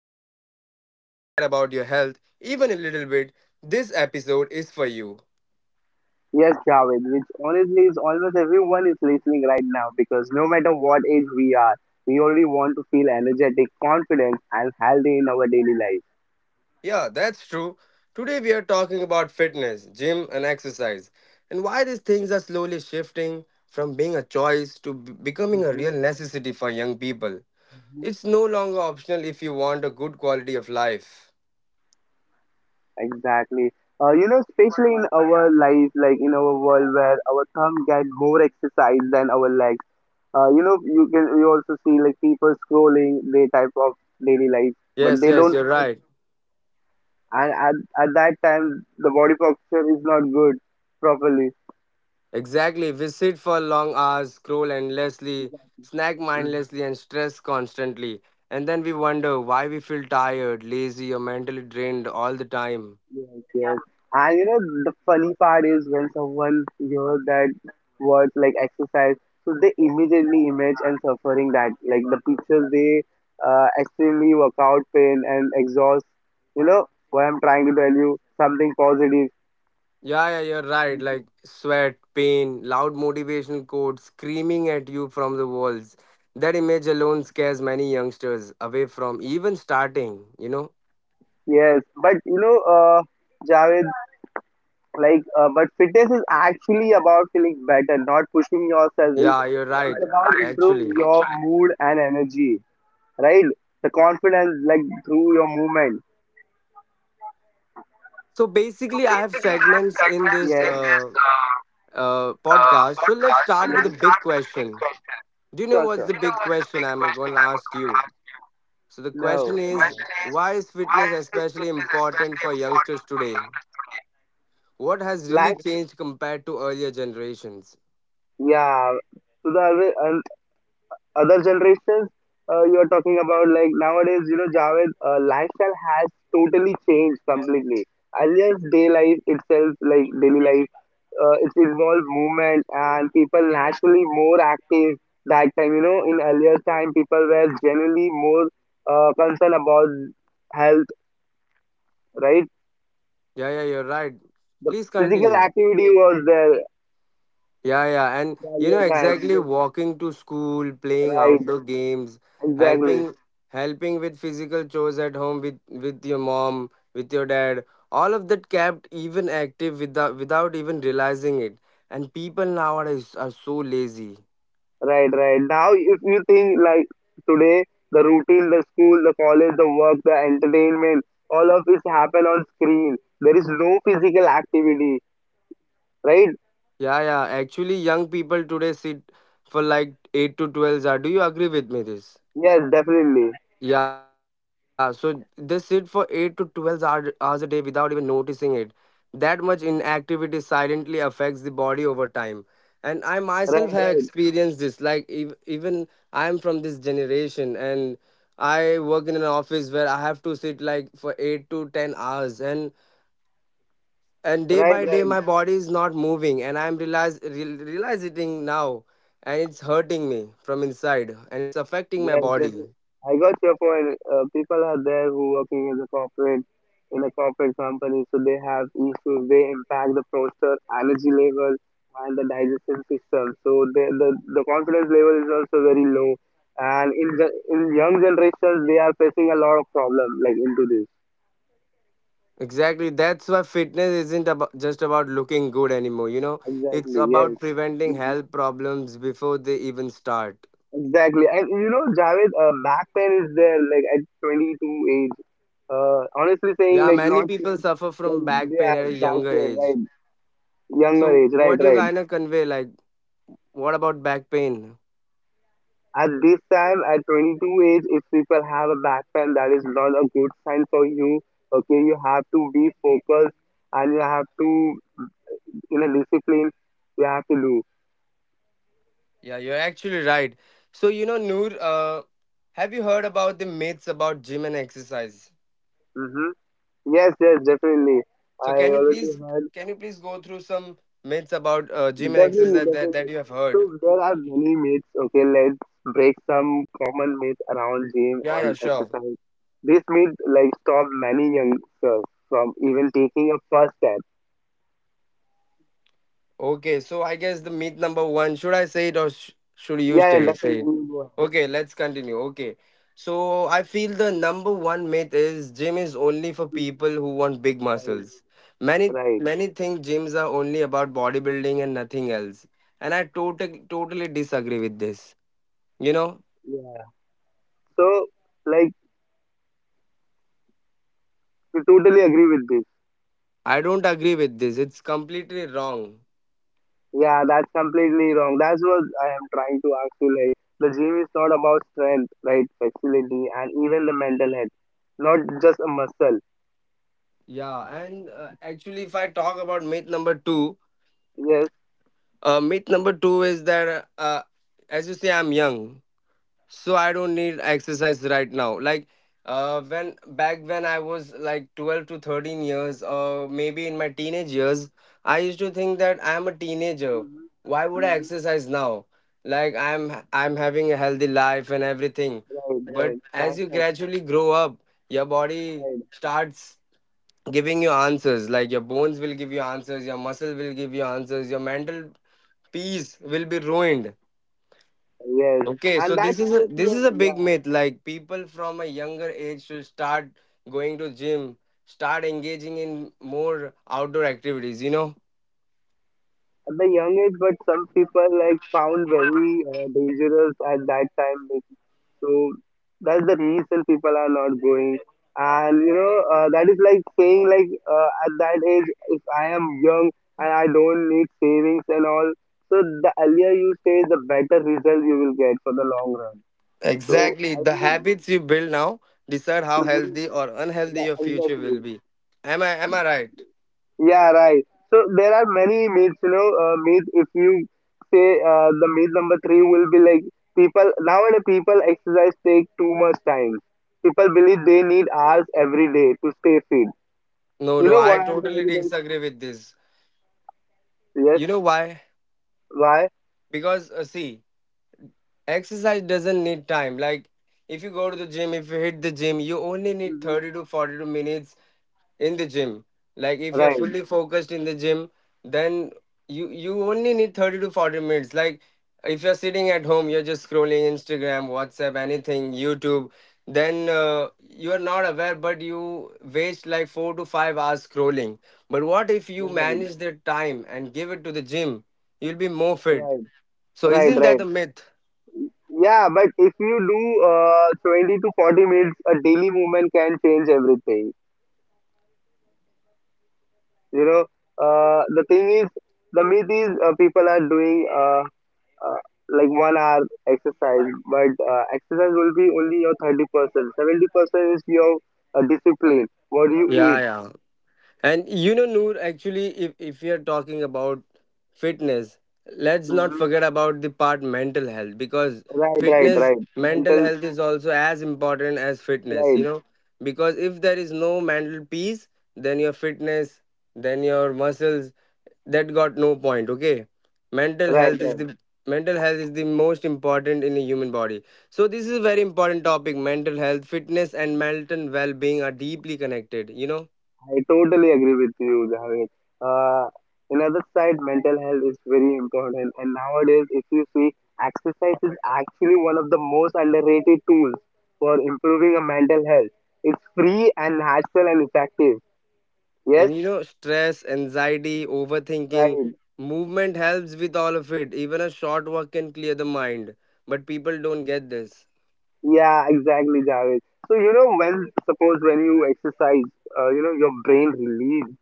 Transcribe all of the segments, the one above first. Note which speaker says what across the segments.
Speaker 1: listening this and you care about your health even a little bit, this episode is for you.
Speaker 2: Yes, Javed, which honestly is almost everyone is listening right now because no matter what age we are, we only want to feel energetic, confident, and healthy in our daily life.
Speaker 1: Yeah, that's true. Today we are talking about fitness, gym, and exercise, and why these things are slowly shifting from being a choice to becoming a
Speaker 2: hmm
Speaker 1: real necessity for young people.
Speaker 2: hmm
Speaker 1: It's no longer optional if you want a good quality of life.
Speaker 2: Exactly. Especially in our life, like in our world where our thumb get more exercise than our legs. You also see like people scrolling their type of daily life, but
Speaker 1: Yes,
Speaker 2: they
Speaker 1: yes,
Speaker 2: don't.
Speaker 1: you're right.
Speaker 2: And at, at that time, the body posture is not good properly.
Speaker 1: Exactly. We sit for long hours, scroll endlessly, snack mindlessly, and stress constantly. And then we wonder why we feel tired, lazy, or mentally drained all the time.
Speaker 2: Yes, yes. And you know, the funny part is when someone hears that words like exercise, so they immediately image and suffering that, like the pictures they extremely workout pain and exhaust. You know what I'm trying to tell you? Something positive.
Speaker 1: Yeah, yeah, you're right. Like sweat, pain, loud motivational quotes screaming at you from the walls. That image alone scares many youngsters away from even starting, you know?
Speaker 2: Yes, but you know, Javed, but fitness is actually about feeling better, not pushing yourself. It's,
Speaker 1: Yeah, you're right,
Speaker 2: it's about improve
Speaker 1: actually.
Speaker 2: your mood and energy. Right? The confidence, like through your movement.
Speaker 1: So
Speaker 2: So
Speaker 1: basically, I have
Speaker 2: basically, let's
Speaker 1: segments in
Speaker 2: segment.
Speaker 1: this
Speaker 2: Yes, in this
Speaker 1: podcast. So let's
Speaker 2: podcast. Well,
Speaker 1: start with the
Speaker 2: let's yes.
Speaker 1: big
Speaker 2: Start with a big
Speaker 1: question.
Speaker 2: question.
Speaker 1: Do you know
Speaker 2: Sure,
Speaker 1: what's
Speaker 2: sure.
Speaker 1: the
Speaker 2: Do you know
Speaker 1: big
Speaker 2: what's the
Speaker 1: question
Speaker 2: big
Speaker 1: I'm
Speaker 2: question
Speaker 1: going to
Speaker 2: I'm
Speaker 1: ask
Speaker 2: going to
Speaker 1: you?
Speaker 2: ask you? So
Speaker 1: So the
Speaker 2: no. So
Speaker 1: question
Speaker 2: the
Speaker 1: is,
Speaker 2: question is,
Speaker 1: why is
Speaker 2: why
Speaker 1: fitness
Speaker 2: is
Speaker 1: especially
Speaker 2: fitness
Speaker 1: important
Speaker 2: especially
Speaker 1: for
Speaker 2: important
Speaker 1: youngsters
Speaker 2: for
Speaker 1: today?
Speaker 2: youngsters today?
Speaker 1: What has really
Speaker 2: Like,
Speaker 1: changed compared to earlier generations?
Speaker 2: yeah. So the other generations you are talking about like nowadays, you know, Javed, lifestyle has totally changed completely. Earlier day life itself, like daily life, it involved movement and people naturally more active that time. You know, in earlier time people were generally more concerned about health, right?
Speaker 1: Yeah, yeah, you're right.
Speaker 2: The
Speaker 1: Please
Speaker 2: physical
Speaker 1: continue.
Speaker 2: activity was there
Speaker 1: Yeah, yeah. And you know
Speaker 2: earlier time
Speaker 1: exactly walking to school, playing
Speaker 2: right,
Speaker 1: outdoor games,
Speaker 2: exactly.
Speaker 1: helping helping with physical chores at home with your mom, with your dad. All of that kept even active without even realizing it. And people nowadays are so lazy.
Speaker 2: Right, right. Now, if you think like today, the routine, the school, the college, the work, the entertainment, all of this happen on screen. There is no physical activity, right?
Speaker 1: Yeah, yeah. Actually young people today sit for like 8 to 12 hours. Do you agree with me this?
Speaker 2: Yes, definitely.
Speaker 1: Yeah, so they sit for 8 to hours a day without even noticing it. That much inactivity silently affects the body over time. And I
Speaker 2: Right,
Speaker 1: myself have
Speaker 2: right,
Speaker 1: experienced this. Like, even I'm from this generation and I work in an office where I have to sit like for 8 to 10 hours. And day
Speaker 2: right,
Speaker 1: by day,
Speaker 2: right.
Speaker 1: my body is not moving. And I'm realize, real realizing now. And it's hurting me from inside. And it's affecting my
Speaker 2: Yes,
Speaker 1: body.
Speaker 2: definitely. I got your point. People are there who working as a corporate in a corporate company, so they have issues. They impact the posture, energy level, and the digestion system. So the confidence level is also very low. And in young generations, they are facing a lot of problem like into this.
Speaker 1: Exactly. That's why fitness isn't about just about looking good anymore. You know, it's
Speaker 2: Exactly. Yes.
Speaker 1: about preventing
Speaker 2: Mm-hmm.
Speaker 1: health problems before they even start.
Speaker 2: Exactly, and you know, Javed, back pain is there like at 22 age. Honestly saying,
Speaker 1: Yeah,
Speaker 2: like
Speaker 1: many
Speaker 2: not
Speaker 1: people
Speaker 2: kids,
Speaker 1: suffer from
Speaker 2: like
Speaker 1: back
Speaker 2: they
Speaker 1: pain
Speaker 2: have
Speaker 1: at a
Speaker 2: back
Speaker 1: younger
Speaker 2: pain,
Speaker 1: age.
Speaker 2: right?
Speaker 1: So,
Speaker 2: Younger age, right,
Speaker 1: what do you
Speaker 2: right.
Speaker 1: kind of convey? Like, what about back pain?
Speaker 2: At this time, at 22 age, if people have a back pain, that is not a good sign for you. Okay, you have to be focused and you have to, in a discipline, you have to do.
Speaker 1: Yeah, you're actually right. So, you know, Noor, have you heard about the myths about gym and exercise?
Speaker 2: Mm-hmm. Yes, yes, definitely.
Speaker 1: So,
Speaker 2: I already heard.
Speaker 1: can you please go through some myths about gym and exercise
Speaker 2: Definitely,
Speaker 1: that
Speaker 2: definitely.
Speaker 1: you have heard?
Speaker 2: So there are many myths. Okay, let's break some common myths around gym
Speaker 1: Yeah, yeah,
Speaker 2: and
Speaker 1: sure.
Speaker 2: exercise. This myth like stop many youngsters from even taking a first step.
Speaker 1: Okay, so I guess the myth number one, should I say it or should you
Speaker 2: Yeah, yeah,
Speaker 1: stay, say it?
Speaker 2: definitely. You are.
Speaker 1: Okay, let's continue. Okay, so I feel the number one myth is gym is only for people who want big
Speaker 2: Right,
Speaker 1: muscles. Many
Speaker 2: right.
Speaker 1: many think gyms are only about bodybuilding and nothing else, and I totally disagree with this. You know,
Speaker 2: Yeah. So like, we totally agree with this.
Speaker 1: I don't agree with this. It's completely wrong.
Speaker 2: Yeah, that's completely wrong. That's what I am trying to ask you. Like, the gym is not about strength, right? Flexibility and even the mental health, not just a muscle.
Speaker 1: Yeah, and actually, if I talk about
Speaker 2: Yes,
Speaker 1: myth number two is that as you say, I'm young. So I don't need exercise right now. Like when back when I was like 12 to 13 years or maybe in my teenage years, I used to think that I am a teenager.
Speaker 2: mm-hmm.
Speaker 1: Why would I
Speaker 2: Mm-hmm.
Speaker 1: exercise now? Like I'm having a healthy life and everything.
Speaker 2: Right,
Speaker 1: But
Speaker 2: right. That's
Speaker 1: as you gradually grow up, your body
Speaker 2: right.
Speaker 1: starts giving you answers. Like your bones will give you answers, your muscle will give you answers, your mental peace will be ruined.
Speaker 2: Yes.
Speaker 1: Okay, so
Speaker 2: And that time, if
Speaker 1: this is
Speaker 2: you,
Speaker 1: a big
Speaker 2: yeah,
Speaker 1: myth. Like people from a younger age should start going to gym, start engaging in more outdoor activities, you know?
Speaker 2: at the young age, but some people like found very dangerous at that time. Like, so that's the reason people are not going. And you know, that is like saying like at that age, if I am young and I don't need savings and all, so the earlier you say, the better result you will get for the long run. So
Speaker 1: Exactly.
Speaker 2: I
Speaker 1: The
Speaker 2: will.
Speaker 1: habits you build now decide how
Speaker 2: Mhm.
Speaker 1: healthy or unhealthy your future will
Speaker 2: Exactly.
Speaker 1: be. Am I right?
Speaker 2: Yeah, right. So there are many myths, you know, myth if you say the myth number three will be like people nowadays people exercise take too much time. People believe they need hours every day to stay fit.
Speaker 1: No,
Speaker 2: You
Speaker 1: no,
Speaker 2: know
Speaker 1: I
Speaker 2: what I'm trying
Speaker 1: totally
Speaker 2: to do?
Speaker 1: disagree with this.
Speaker 2: Yes.
Speaker 1: You know why?
Speaker 2: Why?
Speaker 1: Because see, exercise doesn't need time. Like if you go to the gym, if you hit the gym, you only need
Speaker 2: Hmm.
Speaker 1: 30 to 42 minutes in the gym. Like if you're
Speaker 2: Right.
Speaker 1: fully focused in the gym, then you only need 30 to 40 minutes. Like if you're sitting at home, you're just scrolling Instagram, WhatsApp, anything, YouTube, then you are not aware, but you waste like 4 to 5 hours scrolling. But what if you
Speaker 2: Right.
Speaker 1: manage the time and give it to the gym? You'll be more fit.
Speaker 2: Right.
Speaker 1: So
Speaker 2: Right.
Speaker 1: isn't that
Speaker 2: Right.
Speaker 1: a myth?
Speaker 2: Yeah, but if you do 20 to 40 minutes, a daily movement can change everything. You know, the thing is, the myth is people are doing uh, like 1 hour exercise, but exercise will be only your 30%. 70% is your discipline, what you
Speaker 1: Yeah,
Speaker 2: eat.
Speaker 1: yeah. And you know, Noor, actually, if we are talking about fitness, let's not
Speaker 2: Hmm.
Speaker 1: forget about the part mental health. Because
Speaker 2: Right, right,
Speaker 1: fitness,
Speaker 2: right.
Speaker 1: mental
Speaker 2: Mental,
Speaker 1: health is also as important as fitness, you
Speaker 2: right,
Speaker 1: know, because if there is no mental peace, then your fitness, then your muscles, that got no point, okay? Mental
Speaker 2: right,
Speaker 1: health is
Speaker 2: right.
Speaker 1: the mental health is the most important in a human body. So this is a very important topic. Mental health, fitness and mental well-being are deeply connected, you know?
Speaker 2: I totally agree with you, Javed. Uh, Another side, mental health is very important, and nowadays, if you see, exercise is actually one of the most underrated tools for improving a mental health. It's free and natural and effective. Yes,
Speaker 1: And you know, stress, anxiety, overthinking,
Speaker 2: right.
Speaker 1: movement helps with all of it. Even a short walk can clear the mind. But people don't get this.
Speaker 2: Yeah, exactly, Javed. So you know, when you exercise, you know, your brain release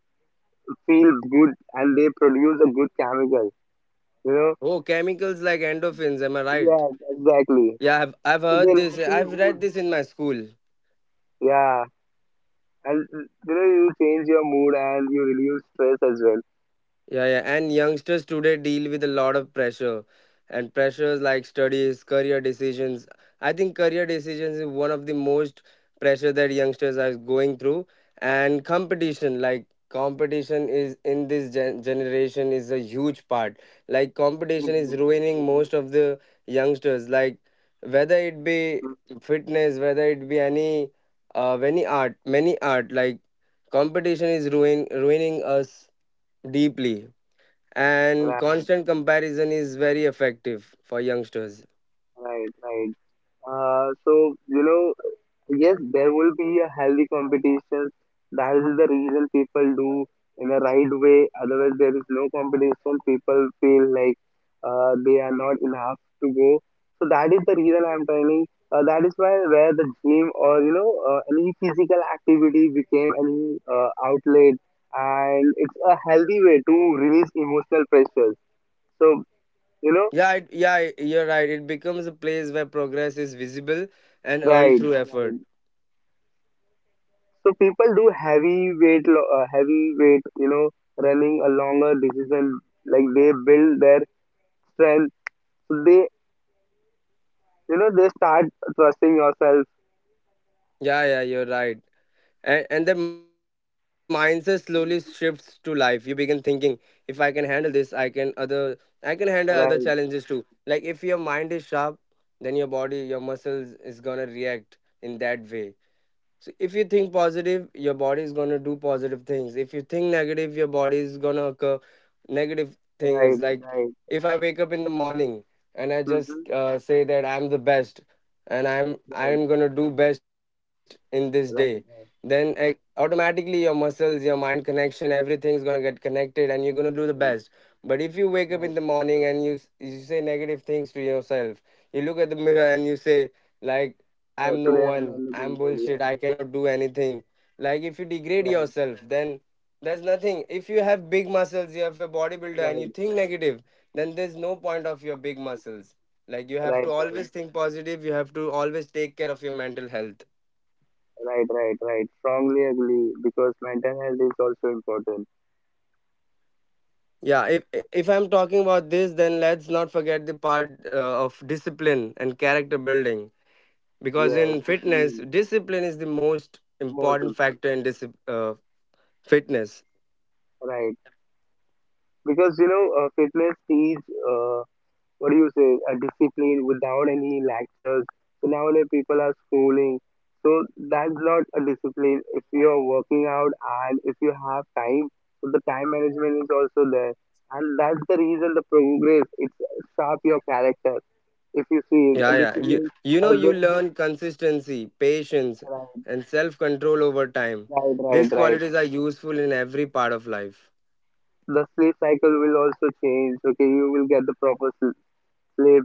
Speaker 2: feel good, and they produce a good chemical. You know.
Speaker 1: Oh, chemicals like endorphins, am I right?
Speaker 2: Yes, exactly.
Speaker 1: Yeah, I've
Speaker 2: So they
Speaker 1: heard this. I've
Speaker 2: naturally
Speaker 1: read
Speaker 2: good.
Speaker 1: this in my school.
Speaker 2: Yeah. And you know, you change your mood and you relieve stress as well.
Speaker 1: Yeah, yeah. And youngsters today deal with a lot of pressure, and pressures like studies, career decisions. I think career decisions is one of the most pressure that youngsters are going through. And competition, like competition is in this generation is a huge part. Like competition is
Speaker 2: Mm-hmm.
Speaker 1: ruining
Speaker 2: Mm-hmm.
Speaker 1: most of the youngsters. Like whether it be fitness, whether it be any art, many art. Like competition is ruining us deeply, and
Speaker 2: Right.
Speaker 1: constant comparison is very effective for youngsters.
Speaker 2: Right, right. So you know, yes, there will be a healthy competition. That is the reason people do in a right way. Otherwise, there is no competition. People feel like they are not enough to go. So that is the reason I'm telling. That is why where the gym or you know any physical activity became any outlet, and it's a healthy way to release emotional pressures. So you know,
Speaker 1: Yeah, it- you're right. It becomes a place where progress is visible and earned
Speaker 2: right,
Speaker 1: through effort.
Speaker 2: right. So people do heavy weight, heavy weight, you know, running a longer decision. Like they build their strength. So they, you know, they start trusting yourself.
Speaker 1: Yeah, yeah, you're right. And the mindset slowly shifts to life. You begin thinking, if I can handle this, I can handle other
Speaker 2: Right,
Speaker 1: challenges too. Like if your mind is sharp, then your body, your muscles is gonna react in that way. So if you think positive, your body is gonna do positive things. If you think negative, your body is gonna occur negative things.
Speaker 2: right,
Speaker 1: Like
Speaker 2: right.
Speaker 1: if I wake up in the morning and I just
Speaker 2: Mm-hmm.
Speaker 1: say that I'm the best, and I'm
Speaker 2: Right,
Speaker 1: I'm gonna do best in this day,
Speaker 2: right,
Speaker 1: then
Speaker 2: right,
Speaker 1: like, automatically your muscles, your mind connection, everything is gonna get connected and you're gonna do the
Speaker 2: right,
Speaker 1: best. But if you wake up in
Speaker 2: right.
Speaker 1: the morning and you say negative things to yourself, you look at the mirror and you say like, I'm no
Speaker 2: Today I'm not
Speaker 1: one. I'm
Speaker 2: looking good. Yeah.
Speaker 1: bullshit. I cannot do anything. Like if you degrade
Speaker 2: Right,
Speaker 1: yourself, then there's nothing. If you have big muscles, you have a bodybuilder and you
Speaker 2: right,
Speaker 1: think negative, then there's no point of your big muscles. Like you have to
Speaker 2: right,
Speaker 1: always think positive, you have to always take care of your mental health.
Speaker 2: right, right, right, right. Strongly agree because mental health is also important.
Speaker 1: Yeah, if I'm talking about this, then let's not forget the part of discipline and character building, because
Speaker 2: Yes,
Speaker 1: in fitness,
Speaker 2: discipline
Speaker 1: discipline is the most
Speaker 2: most
Speaker 1: important
Speaker 2: important.
Speaker 1: factor in fitness.
Speaker 2: Right, because you know, fitness is, what do you say, a discipline without any lectures. So nowadays people are schooling. So that's not a discipline. If you are working out and if you have time, so the time management is also there. And that's the reason the progress, it's sharp your character. If you see
Speaker 1: Yeah,
Speaker 2: a
Speaker 1: yeah. You
Speaker 2: discipline,
Speaker 1: you know you
Speaker 2: there is
Speaker 1: learn consistency, patience,
Speaker 2: a, right,
Speaker 1: and self-control over time.
Speaker 2: right, right,
Speaker 1: These
Speaker 2: right.
Speaker 1: qualities are useful in every part of life.
Speaker 2: The sleep cycle will also change. Okay, you will get the proper sleep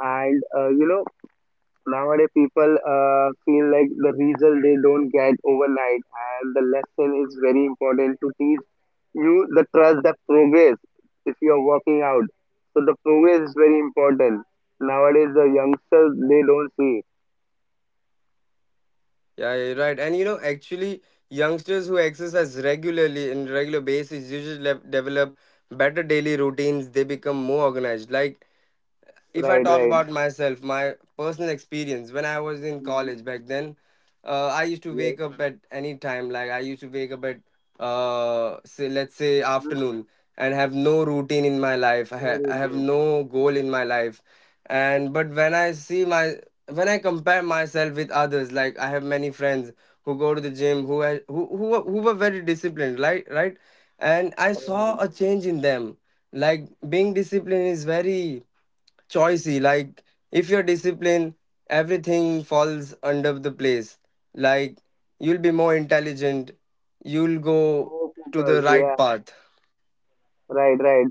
Speaker 2: and you know, nowadays, people feel like the result they don't get overnight, and the lesson is very important to teach you the trust, the progress if you are working out. So the progress is very important. Nowadays, the youngsters they don't see.
Speaker 1: Yeah, you're right. And you know, actually, youngsters who exercise regularly in regular basis usually develop better daily routines. They become more organized. Like if I
Speaker 2: Right,
Speaker 1: talk
Speaker 2: right.
Speaker 1: about myself, my personal experience when I was in
Speaker 2: Mhm.
Speaker 1: college back then, I used to
Speaker 2: Yes.
Speaker 1: wake up at any time. Like I used to wake up at say let's say
Speaker 2: Mhm.
Speaker 1: afternoon, and have no routine in my life.
Speaker 2: More
Speaker 1: I have
Speaker 2: important.
Speaker 1: no goal in my life, and but when I see my when I compare myself with others, like I have many friends who go to the gym who ha- who were very disciplined, right? Right, and I
Speaker 2: Right.
Speaker 1: saw a change in them. Like being disciplined is very choicy. Like if you're disciplined, everything falls under the place. Like you'll be more intelligent. You'll go
Speaker 2: More
Speaker 1: to the
Speaker 2: focus.
Speaker 1: right
Speaker 2: Yeah.
Speaker 1: path.
Speaker 2: Right, right.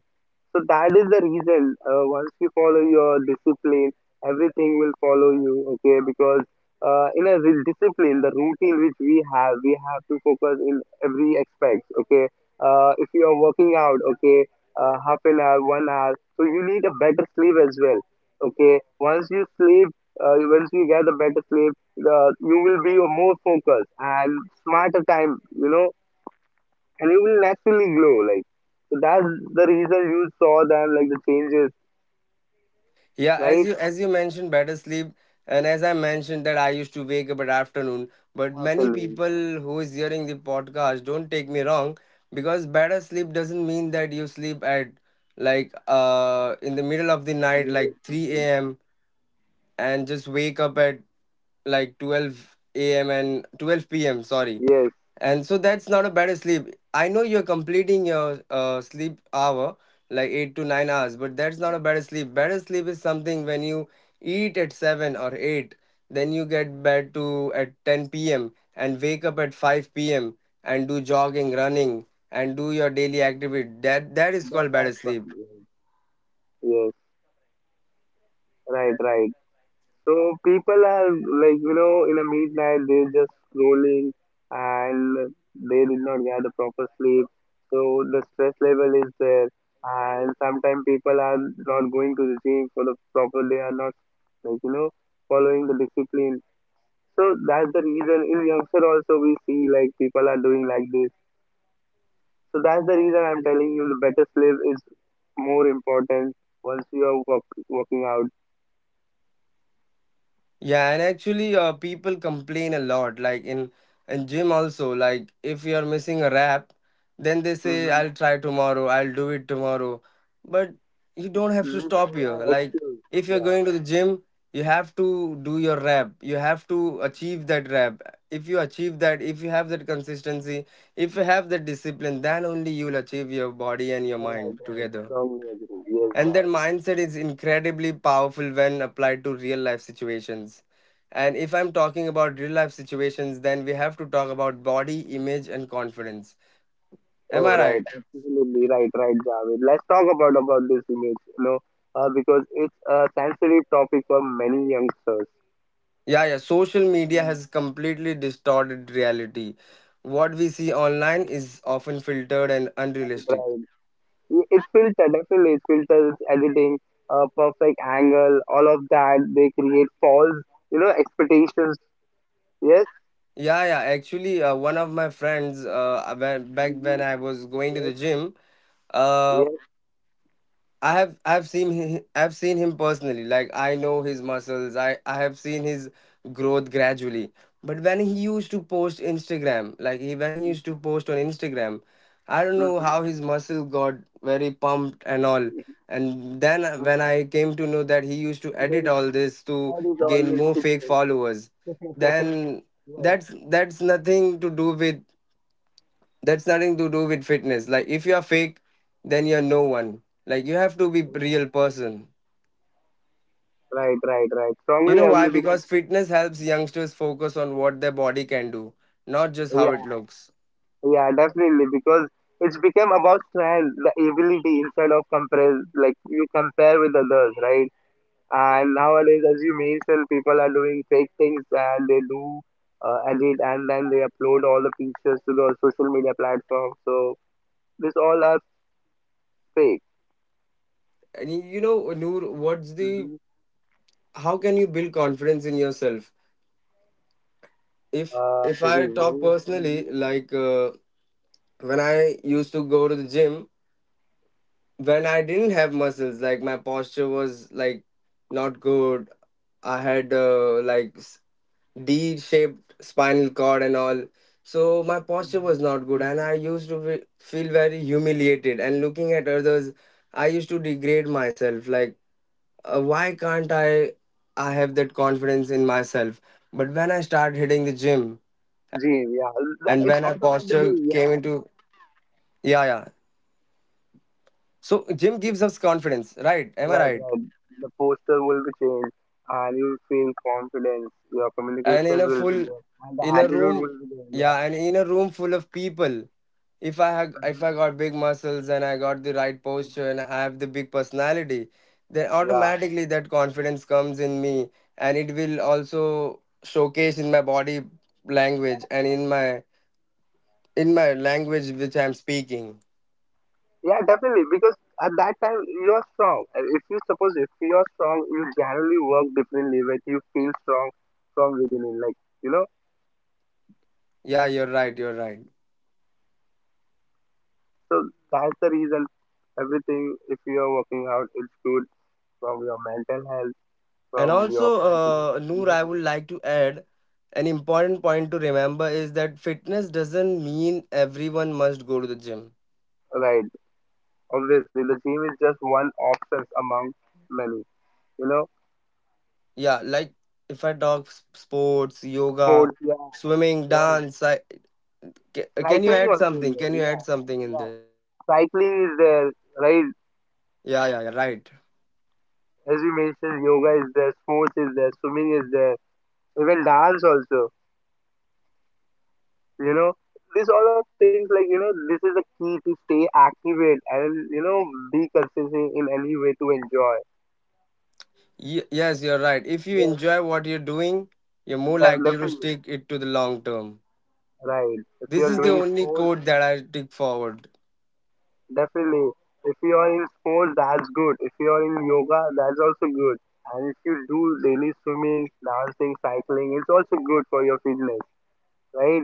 Speaker 2: So that is the reason. Once you follow your discipline, everything will follow you. Okay, because discipline, the routine which we have to focus in every aspect. Okay, if you are working out, okay, half an hour, 1 hour, so you need a better sleep as well. Okay, once you sleep, once you get a better sleep, you will be more focused and smarter time. You know, and you will naturally glow. Like so that's the reason you saw them like the changes,
Speaker 1: Yeah, as
Speaker 2: right?
Speaker 1: you mentioned, better sleep. And as I mentioned that I used to wake up at afternoon, but many
Speaker 2: Happening.
Speaker 1: people who is hearing the podcast, don't take me wrong, because better sleep doesn't mean that you sleep at like in the middle of the night like 3
Speaker 2: Like,
Speaker 1: a.m. and just wake up at like 12 a.m. and 12 p.m. Sorry,
Speaker 2: yes,
Speaker 1: and so that's not a bad sleep. I know you're completing your sleep hour like 8 to 9 hours, but that's not a bad sleep. Better sleep is something when you eat at seven or eight, then you get bed to at 10 p.m. and wake up at 5 p.m. and do jogging, running, and do your daily activity. That is
Speaker 2: the
Speaker 1: called better
Speaker 2: best one.
Speaker 1: sleep.
Speaker 2: Yes, yes, right, right. So people are like you know in a midnight they're just scrolling and they did not get the proper sleep. So the stress level is there, and sometimes people are not going to the gym for the proper. They are not like you know following the discipline. So that's the reason in youngster also we see like people are doing like this. So that's the reason I'm telling you the better sleep is more important once you are working out.
Speaker 1: Yeah, and actually, people complain a lot. Like in gym also, like if you are missing a rep, then they say,
Speaker 2: Mm-hmm.
Speaker 1: "I'll try tomorrow. I'll do it tomorrow." But you don't have to
Speaker 2: These
Speaker 1: stop here.
Speaker 2: all are
Speaker 1: Like
Speaker 2: excuse.
Speaker 1: if you're
Speaker 2: Yeah,
Speaker 1: going to the gym, you have to do your rep. You have to achieve that rep. If you achieve that, if you have that consistency, if you have that discipline, then only you'll achieve your body and your
Speaker 2: right,
Speaker 1: mind
Speaker 2: right.
Speaker 1: together.
Speaker 2: Strongly agree. Yes,
Speaker 1: And that
Speaker 2: Javed.
Speaker 1: mindset is incredibly powerful when applied to real life situations. And if I'm talking about real life situations, then we have to talk about body image and confidence. Am
Speaker 2: Oh,
Speaker 1: I
Speaker 2: right.
Speaker 1: right?
Speaker 2: Absolutely right, right, Javed. Let's talk about this image, you know, because it's a sensitive topic for many youngsters.
Speaker 1: Yeah, yeah. Social media
Speaker 2: Mm,
Speaker 1: has completely distorted reality. What we see online is often filtered and unrealistic.
Speaker 2: right, it's filtered, definitely. It's filters, editing, perfect angle, all of that. They create false, you know, expectations. Yes,
Speaker 1: Yeah, yeah. Actually, one of my friends, back when
Speaker 2: hmm,
Speaker 1: I was going to the
Speaker 2: yes,
Speaker 1: gym, uh,
Speaker 2: yes.
Speaker 1: I've seen him personally. Like I know his muscles. I have seen his growth gradually. But when he used to post Instagram, like he when he used to post on Instagram, I don't know
Speaker 2: Mm-hmm.
Speaker 1: how his muscle got very pumped and all. And then when I came to know that he used to
Speaker 2: There
Speaker 1: edit
Speaker 2: is,
Speaker 1: all this to
Speaker 2: that is
Speaker 1: gain
Speaker 2: always
Speaker 1: more fake
Speaker 2: fitness.
Speaker 1: followers, then
Speaker 2: Yes,
Speaker 1: that's nothing to do with that's nothing to do with fitness. Like if you're fake, then you're no one. Like you have to be
Speaker 2: yeah.
Speaker 1: real person.
Speaker 2: Right, right, right.
Speaker 1: You
Speaker 2: Strongly
Speaker 1: know why?
Speaker 2: ugly because,
Speaker 1: Because fitness helps youngsters focus on what their body can do, not just how
Speaker 2: yeah,
Speaker 1: it looks.
Speaker 2: yeah, definitely. Because it's become about strength, the ability instead of compare, like you compare with others, right? And nowadays, as you mentioned, people are doing fake things and they do edit and then they upload all the pictures to the social media platform. So this all are fake.
Speaker 1: And you know, Noor, what's the
Speaker 2: Hmm.
Speaker 1: how can you build confidence in yourself if if
Speaker 2: To
Speaker 1: I
Speaker 2: be
Speaker 1: talk
Speaker 2: very,
Speaker 1: personally,
Speaker 2: mm-hmm.
Speaker 1: like when I used to go to the gym, when I didn't have muscles, like my posture was like not good. I had like D shaped spinal cord and all. So my posture was not good, and I used to feel very humiliated. And looking at others, I used to degrade myself. Like, why can't I? I have that confidence in myself. But when I started hitting the gym, and when I
Speaker 2: Yeah,
Speaker 1: posture
Speaker 2: It's
Speaker 1: came into,
Speaker 2: automatically, yeah,
Speaker 1: yeah, yeah. So gym gives us confidence, right? Am I right?
Speaker 2: right, right. The poster will be changed, and you feel confidence. Your
Speaker 1: And in
Speaker 2: communications
Speaker 1: a
Speaker 2: will be
Speaker 1: full,
Speaker 2: there, and the
Speaker 1: in a
Speaker 2: attitude
Speaker 1: room,
Speaker 2: will be there. Yeah,
Speaker 1: yeah, and in a room full of people, if I got big muscles and I got the right
Speaker 2: mhm.
Speaker 1: posture and I have the big personality, then
Speaker 2: Yeah.
Speaker 1: automatically that confidence comes in me, and it will also showcase in my body language and in my language which I'm speaking.
Speaker 2: Yeah, definitely. Because at that time you're strong. And if you suppose if you're strong, you generally work differently when you feel strong from within in like you know.
Speaker 1: Yeah, you're right, you're right.
Speaker 2: So that's the reason everything if you're working out it's good from your mental health,
Speaker 1: And
Speaker 2: from your
Speaker 1: also,
Speaker 2: confidence.
Speaker 1: Noor,
Speaker 2: Yes.
Speaker 1: I would like to add an important point to remember is that fitness doesn't mean everyone must go to the gym.
Speaker 2: Right. Obviously the gym is just one option among many. You know?
Speaker 1: Yeah, like if I talk sports, yoga,
Speaker 2: Sports, yeah,
Speaker 1: swimming,
Speaker 2: right.
Speaker 1: dance, can you
Speaker 2: Cycling
Speaker 1: add
Speaker 2: also is
Speaker 1: something?
Speaker 2: there,
Speaker 1: Can you add
Speaker 2: yeah.
Speaker 1: something in
Speaker 2: Yeah.
Speaker 1: this?
Speaker 2: Cycling is there, right?
Speaker 1: Yeah, yeah, yeah, right.
Speaker 2: As you mentioned, yoga is there, sports is there, swimming is there, even dance also. You know, these all of things like you know, this is the key to stay active and you know be consistent in any way to enjoy.
Speaker 1: Yes, you're right. If you
Speaker 2: Yeah,
Speaker 1: enjoy what you're doing, you're more likely to
Speaker 2: definitely.
Speaker 1: stick it to the long term.
Speaker 2: Right. If you
Speaker 1: This
Speaker 2: are
Speaker 1: is the
Speaker 2: doing
Speaker 1: only
Speaker 2: sports,
Speaker 1: code that I take forward.
Speaker 2: definitely. If you are in sports, that's good. If you are in yoga, that's also good. And if you do daily swimming, dancing, cycling, it's also good for your fitness, right?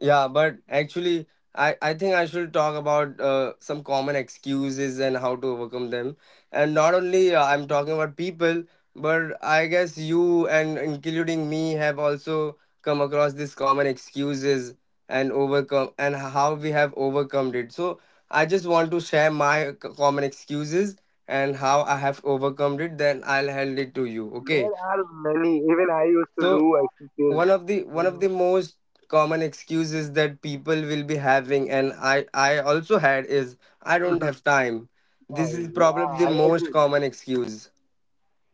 Speaker 1: Yeah, but actually, I think I should talk about some common excuses and how to overcome them. And not only I'm talking about people, but I guess you and including me have also come across these common excuses and overcome and how we have overcome it. So I just want to share my common excuses and how I have overcome it. Then I'll hand it to you. Okay.
Speaker 2: There are many. Even I used to
Speaker 1: So
Speaker 2: do exercise. You
Speaker 1: one of
Speaker 2: know,
Speaker 1: the most common excuses that people will be having and I also had is I don't have time. This is
Speaker 2: time. Yeah,
Speaker 1: probably the
Speaker 2: I
Speaker 1: most
Speaker 2: agree.
Speaker 1: common excuse.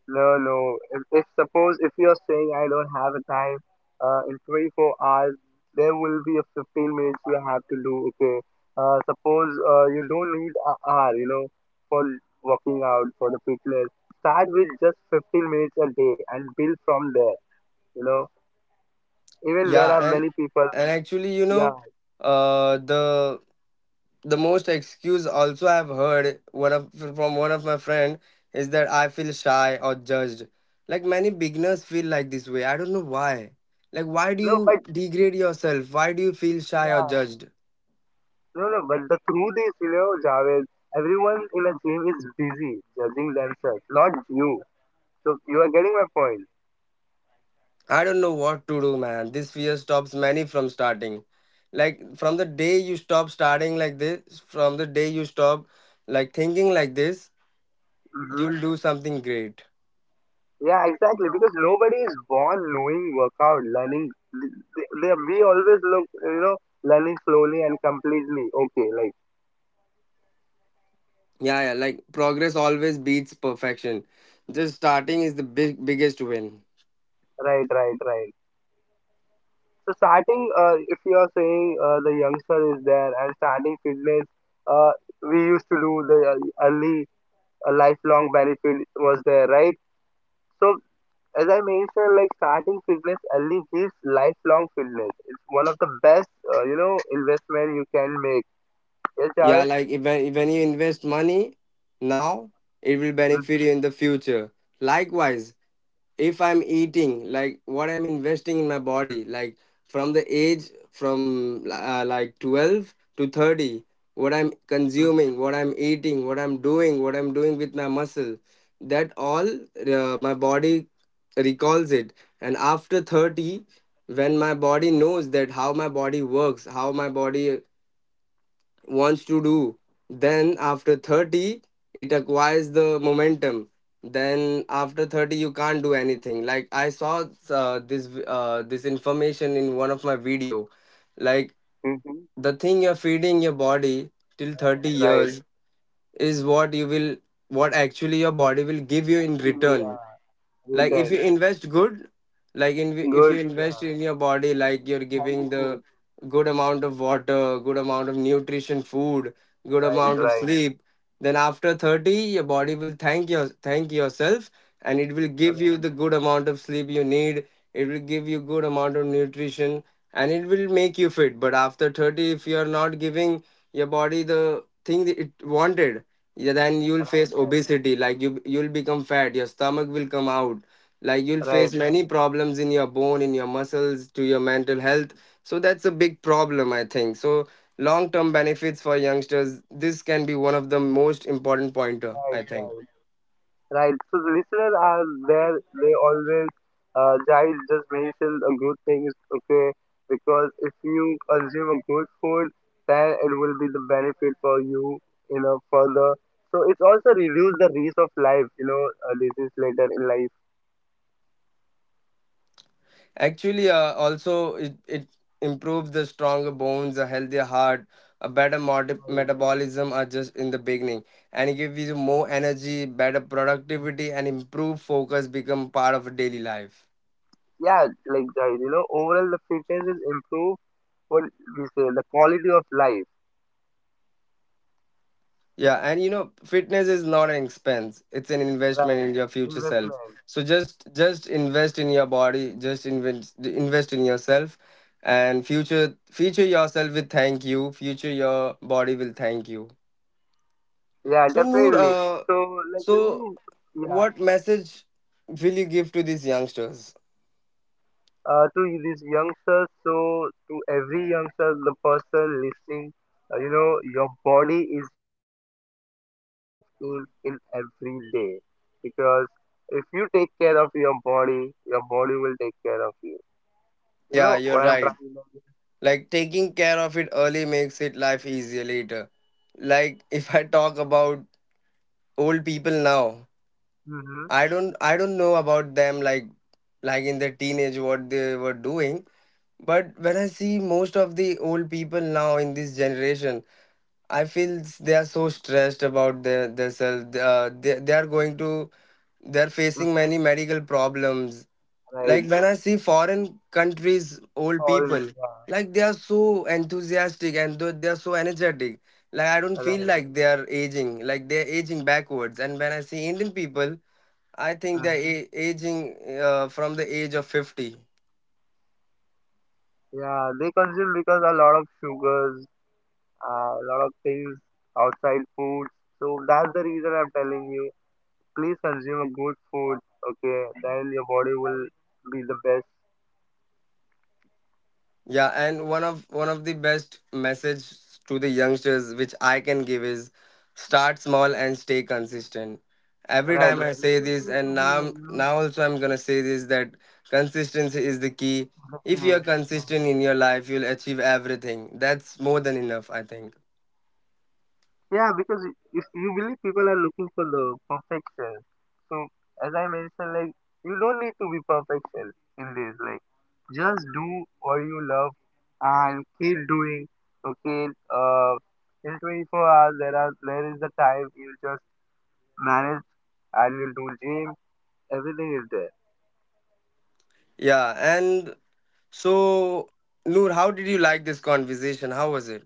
Speaker 2: No, no. If suppose if you are saying I don't have a time, in 24 hours there will be a 15 minutes you have to do. Okay. Suppose you don't need an hour. You know, for working out for the fitness. Start with just 15 minutes a day and build from there. You know, even there
Speaker 1: Yeah,
Speaker 2: are
Speaker 1: and
Speaker 2: many people.
Speaker 1: and actually, you
Speaker 2: Yeah.
Speaker 1: know, uh the the most excuse also I've heard one of from one of my friend is that I feel shy or judged. Like many beginners feel like this way. I don't know why. Like why do
Speaker 2: No,
Speaker 1: you
Speaker 2: but
Speaker 1: degrade yourself? Why do you feel shy or
Speaker 2: yeah.
Speaker 1: judged?
Speaker 2: No, no, but the truth is, you know, Javed, everyone in a gym is busy judging themselves, not you. So you are getting my point.
Speaker 1: I don't know what to do, man. This fear stops many from starting. Like from the day you stop starting like this, from the day you stop like thinking like this,
Speaker 2: Hmm.
Speaker 1: you'll do something great.
Speaker 2: Yeah, exactly. Because nobody is born knowing workout, learning. We always look, you know, learning slowly and completely. Okay, like
Speaker 1: Yeah, yeah. Like progress always beats perfection. Just starting is the big biggest win.
Speaker 2: right, right, right. So starting, if you are saying the youngster is there and starting fitness, uh, we used to do the early lifelong benefit was there, right? So as I mentioned, like starting fitness early gives lifelong fitness. It's one of the best, you know, investment you can make. Yes,
Speaker 1: Yeah,
Speaker 2: Javed?
Speaker 1: like if when when you invest money now, it will benefit
Speaker 2: Mm-hmm.
Speaker 1: you in the future. Likewise, if I'm eating, like what I'm investing in my body, like from the age from like 12 to 30, what I'm consuming, what I'm eating, what I'm doing, what I'm doing with my muscle, that all my body recalls it. And after 30, when my body knows that how my body works, how my body wants to do, then after 30 it acquires the momentum. Then after 30 you can't do anything. Like I saw this information in one of my video, like
Speaker 2: Mm-hmm.
Speaker 1: the thing you're feeding your body till 30
Speaker 2: Right.
Speaker 1: years is what you will, what actually your body will give you in
Speaker 2: Actually,
Speaker 1: return.
Speaker 2: yeah. Well
Speaker 1: Like if you
Speaker 2: done.
Speaker 1: invest good, like in if
Speaker 2: Good.
Speaker 1: you invest
Speaker 2: Yeah.
Speaker 1: in your body, like you're
Speaker 2: Healthy
Speaker 1: giving the
Speaker 2: food.
Speaker 1: good
Speaker 2: Yes.
Speaker 1: amount of water, good amount of nutrition food, good
Speaker 2: Right,
Speaker 1: amount of
Speaker 2: right,
Speaker 1: sleep, then after 30 your body will thank yourself, and it will
Speaker 2: right,
Speaker 1: give you the good amount of sleep you need. It will give you good amount of nutrition, and it will make you fit. But after 30, if you're not giving your body the thing that it wanted, yeah, then you'll face
Speaker 2: right,
Speaker 1: obesity. Like you'll become fat, your stomach will come out. Like you'll
Speaker 2: right, right,
Speaker 1: face
Speaker 2: right,
Speaker 1: many problems in your bone, in your muscles, to your mental health. So that's a big problem, I think. So long term benefits for youngsters, this can be one of the most important pointer, I
Speaker 2: right,
Speaker 1: think.
Speaker 2: right. Right. So the listeners are there. They always guys just mentioned a good thing is okay because if you consume a good food, then it will be the benefit for you, you know, further. So it's also reduce the risk of life, you know, disease later in life.
Speaker 1: Actually, also it improves the stronger bones, a healthier heart, a better
Speaker 2: Right.
Speaker 1: metabolism. Are just in the beginning, and it gives you more energy, better productivity,
Speaker 2: Mhm.
Speaker 1: and improved focus. Become part of daily life.
Speaker 2: Yeah, like guys, you know, overall the fitness is improved. What we say, the quality of life.
Speaker 1: Yeah, and you know, fitness is not an expense; it's an investment
Speaker 2: Right.
Speaker 1: in your future self.
Speaker 2: Investment.
Speaker 1: So just invest in your body, just invest in yourself, and future yourself will thank you. Future your body will thank you.
Speaker 2: Yeah,
Speaker 1: So Noor,
Speaker 2: definitely. So like, can
Speaker 1: So,
Speaker 2: you? Yeah.
Speaker 1: what message will you give to these youngsters?
Speaker 2: To these youngsters. So to every youngster, the person listening, you know, your body is your home. You live in every day because if you take care of your body will take care of you. You
Speaker 1: Yeah,
Speaker 2: know
Speaker 1: you're
Speaker 2: what I'm
Speaker 1: right.
Speaker 2: trying to say?
Speaker 1: Like, taking care of it early makes it life easier later. Like, if I talk about old people now,
Speaker 2: Mm-hmm.
Speaker 1: I don't know about them. Like in their teenage, what they were doing. But when I see most of the old people now in this generation, I feel they are so stressed about their themselves. They are facing many medical problems. Like
Speaker 2: Right.
Speaker 1: when I see foreign countries, old
Speaker 2: All
Speaker 1: people,
Speaker 2: yeah.
Speaker 1: like they are so enthusiastic and they are so energetic. Like I don't feel
Speaker 2: Right.
Speaker 1: like they are aging, like they are aging backwards. And when I see Indian people, I think they are
Speaker 2: Hmm.
Speaker 1: aging from the age of 50.
Speaker 2: Yeah, they consume because a lot of sugars, a lot of things outside food. So that's the reason I'm telling you. Please consume a good food, okay? Then your body will be the best.
Speaker 1: Yeah, and one of the best message to the youngsters which I can give is start small and stay consistent. Every
Speaker 2: Right,
Speaker 1: time I
Speaker 2: right. You
Speaker 1: say
Speaker 2: don't
Speaker 1: this,
Speaker 2: need to
Speaker 1: and
Speaker 2: be like, you know,
Speaker 1: now also I'm gonna say this, that consistency is the key.
Speaker 2: happy.
Speaker 1: If
Speaker 2: Right.
Speaker 1: you're consistent in your life, you'll achieve everything. That's more than enough, I think.
Speaker 2: Yeah, because if you believe people are looking for the perfection. So as I mentioned, like you don't need to be perfection in this. Like just do what you love and keep doing. Okay. In 24 hours there is the time you just manage and you'll do gym. Everything is there.
Speaker 1: Yeah, and so Noor, how did you like this conversation? How was it?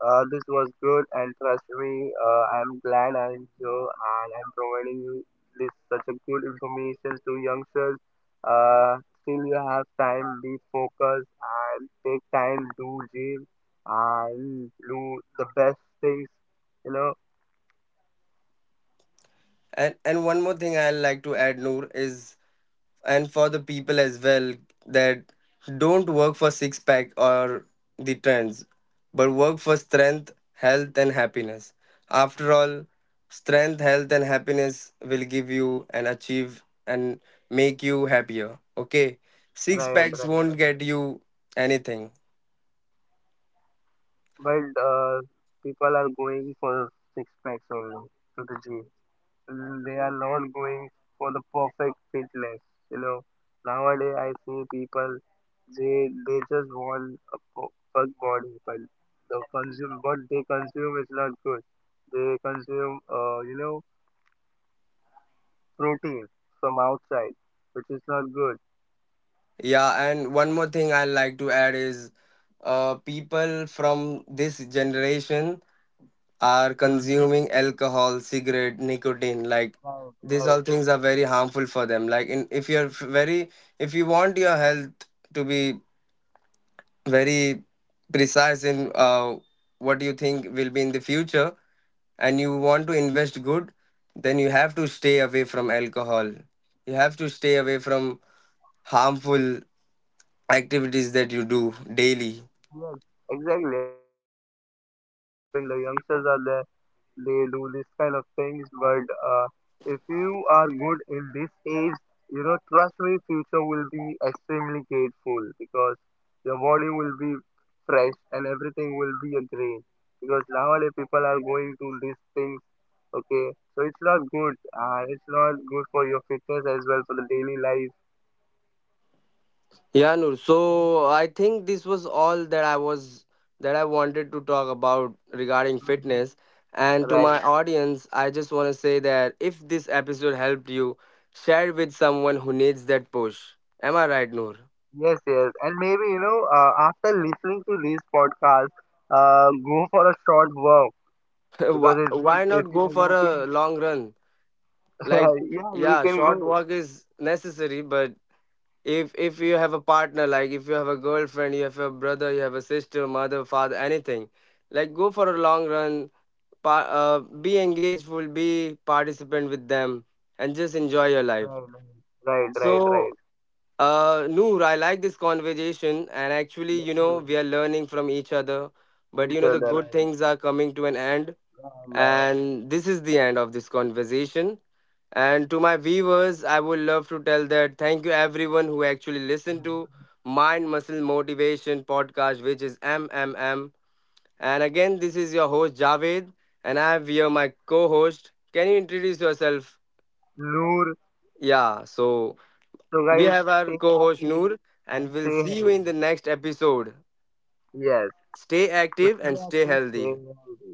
Speaker 2: This was good, and trust me, I'm glad I enjoy and I'm providing you this such a good information to youngsters. Still you have time, be focused and take time, do gym and do the best things, you know.
Speaker 1: And one more thing I like to add, Noor, is and for the people as well, that don't work for six pack or the trends, but work for strength, health, and happiness. After all, strength, health, and happiness will give you and achieve and make you happier. Okay, six
Speaker 2: Right, right,
Speaker 1: packs
Speaker 2: right.
Speaker 1: won't get you anything.
Speaker 2: But people are going for six packs only to the gym. They are not going for the perfect fitness. You know, nowadays I see people they just want a perfect body, but the consume what they consume is not good. They consume you know protein from outside, which is not good.
Speaker 1: Yeah, and one more thing I like to add is people from this generation are
Speaker 2: Mm,
Speaker 1: consuming alcohol, cigarette, nicotine, like
Speaker 2: right,
Speaker 1: these
Speaker 2: right.
Speaker 1: all things are very harmful for them. Like in if you're very, if you want your health to be very precise in what you think will be in the future and you want to invest good, then you have to stay away from alcohol. You have to stay away from harmful activities that you do daily.
Speaker 2: Yes, exactly. I agree because nowadays people are doing the youngsters are there. They do this kind of things, but if you are good in this age, you know, trust me, future will be extremely grateful because your body will be fresh and everything will be a great. Because nowadays people are going to these things, okay? So it's not good. It's not good for your fitness as well for the daily life,
Speaker 1: Yeah, Noor. So I think this was all that I was that I wanted to talk about regarding
Speaker 2: mhm,
Speaker 1: fitness. And to
Speaker 2: right?
Speaker 1: my audience, I just want to say that if this episode helped you, share it with someone who needs that push. Am I right, Noor?
Speaker 2: Yes, yes, and maybe you know, after listening to this podcast, go for a short walk
Speaker 1: why,
Speaker 2: because it's good
Speaker 1: why
Speaker 2: if
Speaker 1: not
Speaker 2: you
Speaker 1: go
Speaker 2: are
Speaker 1: for a
Speaker 2: walking.
Speaker 1: long run? Like,
Speaker 2: Yeah, we
Speaker 1: yeah,
Speaker 2: can
Speaker 1: short
Speaker 2: go.
Speaker 1: walk is necessary, but if you have a partner, like if you have a girlfriend, you have a brother, you have a sister, mother, father, anything, like go for a long run. Pa- uh, be engaged, will be participant with them, and just enjoy your life.
Speaker 2: Right, right, right, right, right.
Speaker 1: So, Noor, I like this conversation, and actually, you know,
Speaker 2: Definitely.
Speaker 1: we are learning from each other.
Speaker 2: Each
Speaker 1: But you know, the
Speaker 2: other, right?
Speaker 1: good things are coming to an end,
Speaker 2: Yeah, now,
Speaker 1: and this is the end of this conversation. And to my viewers, I would love to tell that thank you everyone who actually listened to Mind Muscle Motivation podcast, which is MMM. And again, this is your host Javed, and I have here my co host. Can you introduce yourself?
Speaker 2: Noor.
Speaker 1: Yeah, so
Speaker 2: So
Speaker 1: we
Speaker 2: guys,
Speaker 1: have
Speaker 2: stay
Speaker 1: our co host
Speaker 2: active
Speaker 1: Noor,
Speaker 2: and
Speaker 1: and we'll
Speaker 2: stay
Speaker 1: see you
Speaker 2: healthy.
Speaker 1: in the next episode.
Speaker 2: Yes,
Speaker 1: Stay
Speaker 2: so
Speaker 1: active
Speaker 2: stay
Speaker 1: and stay
Speaker 2: active,
Speaker 1: healthy.
Speaker 2: stay healthy.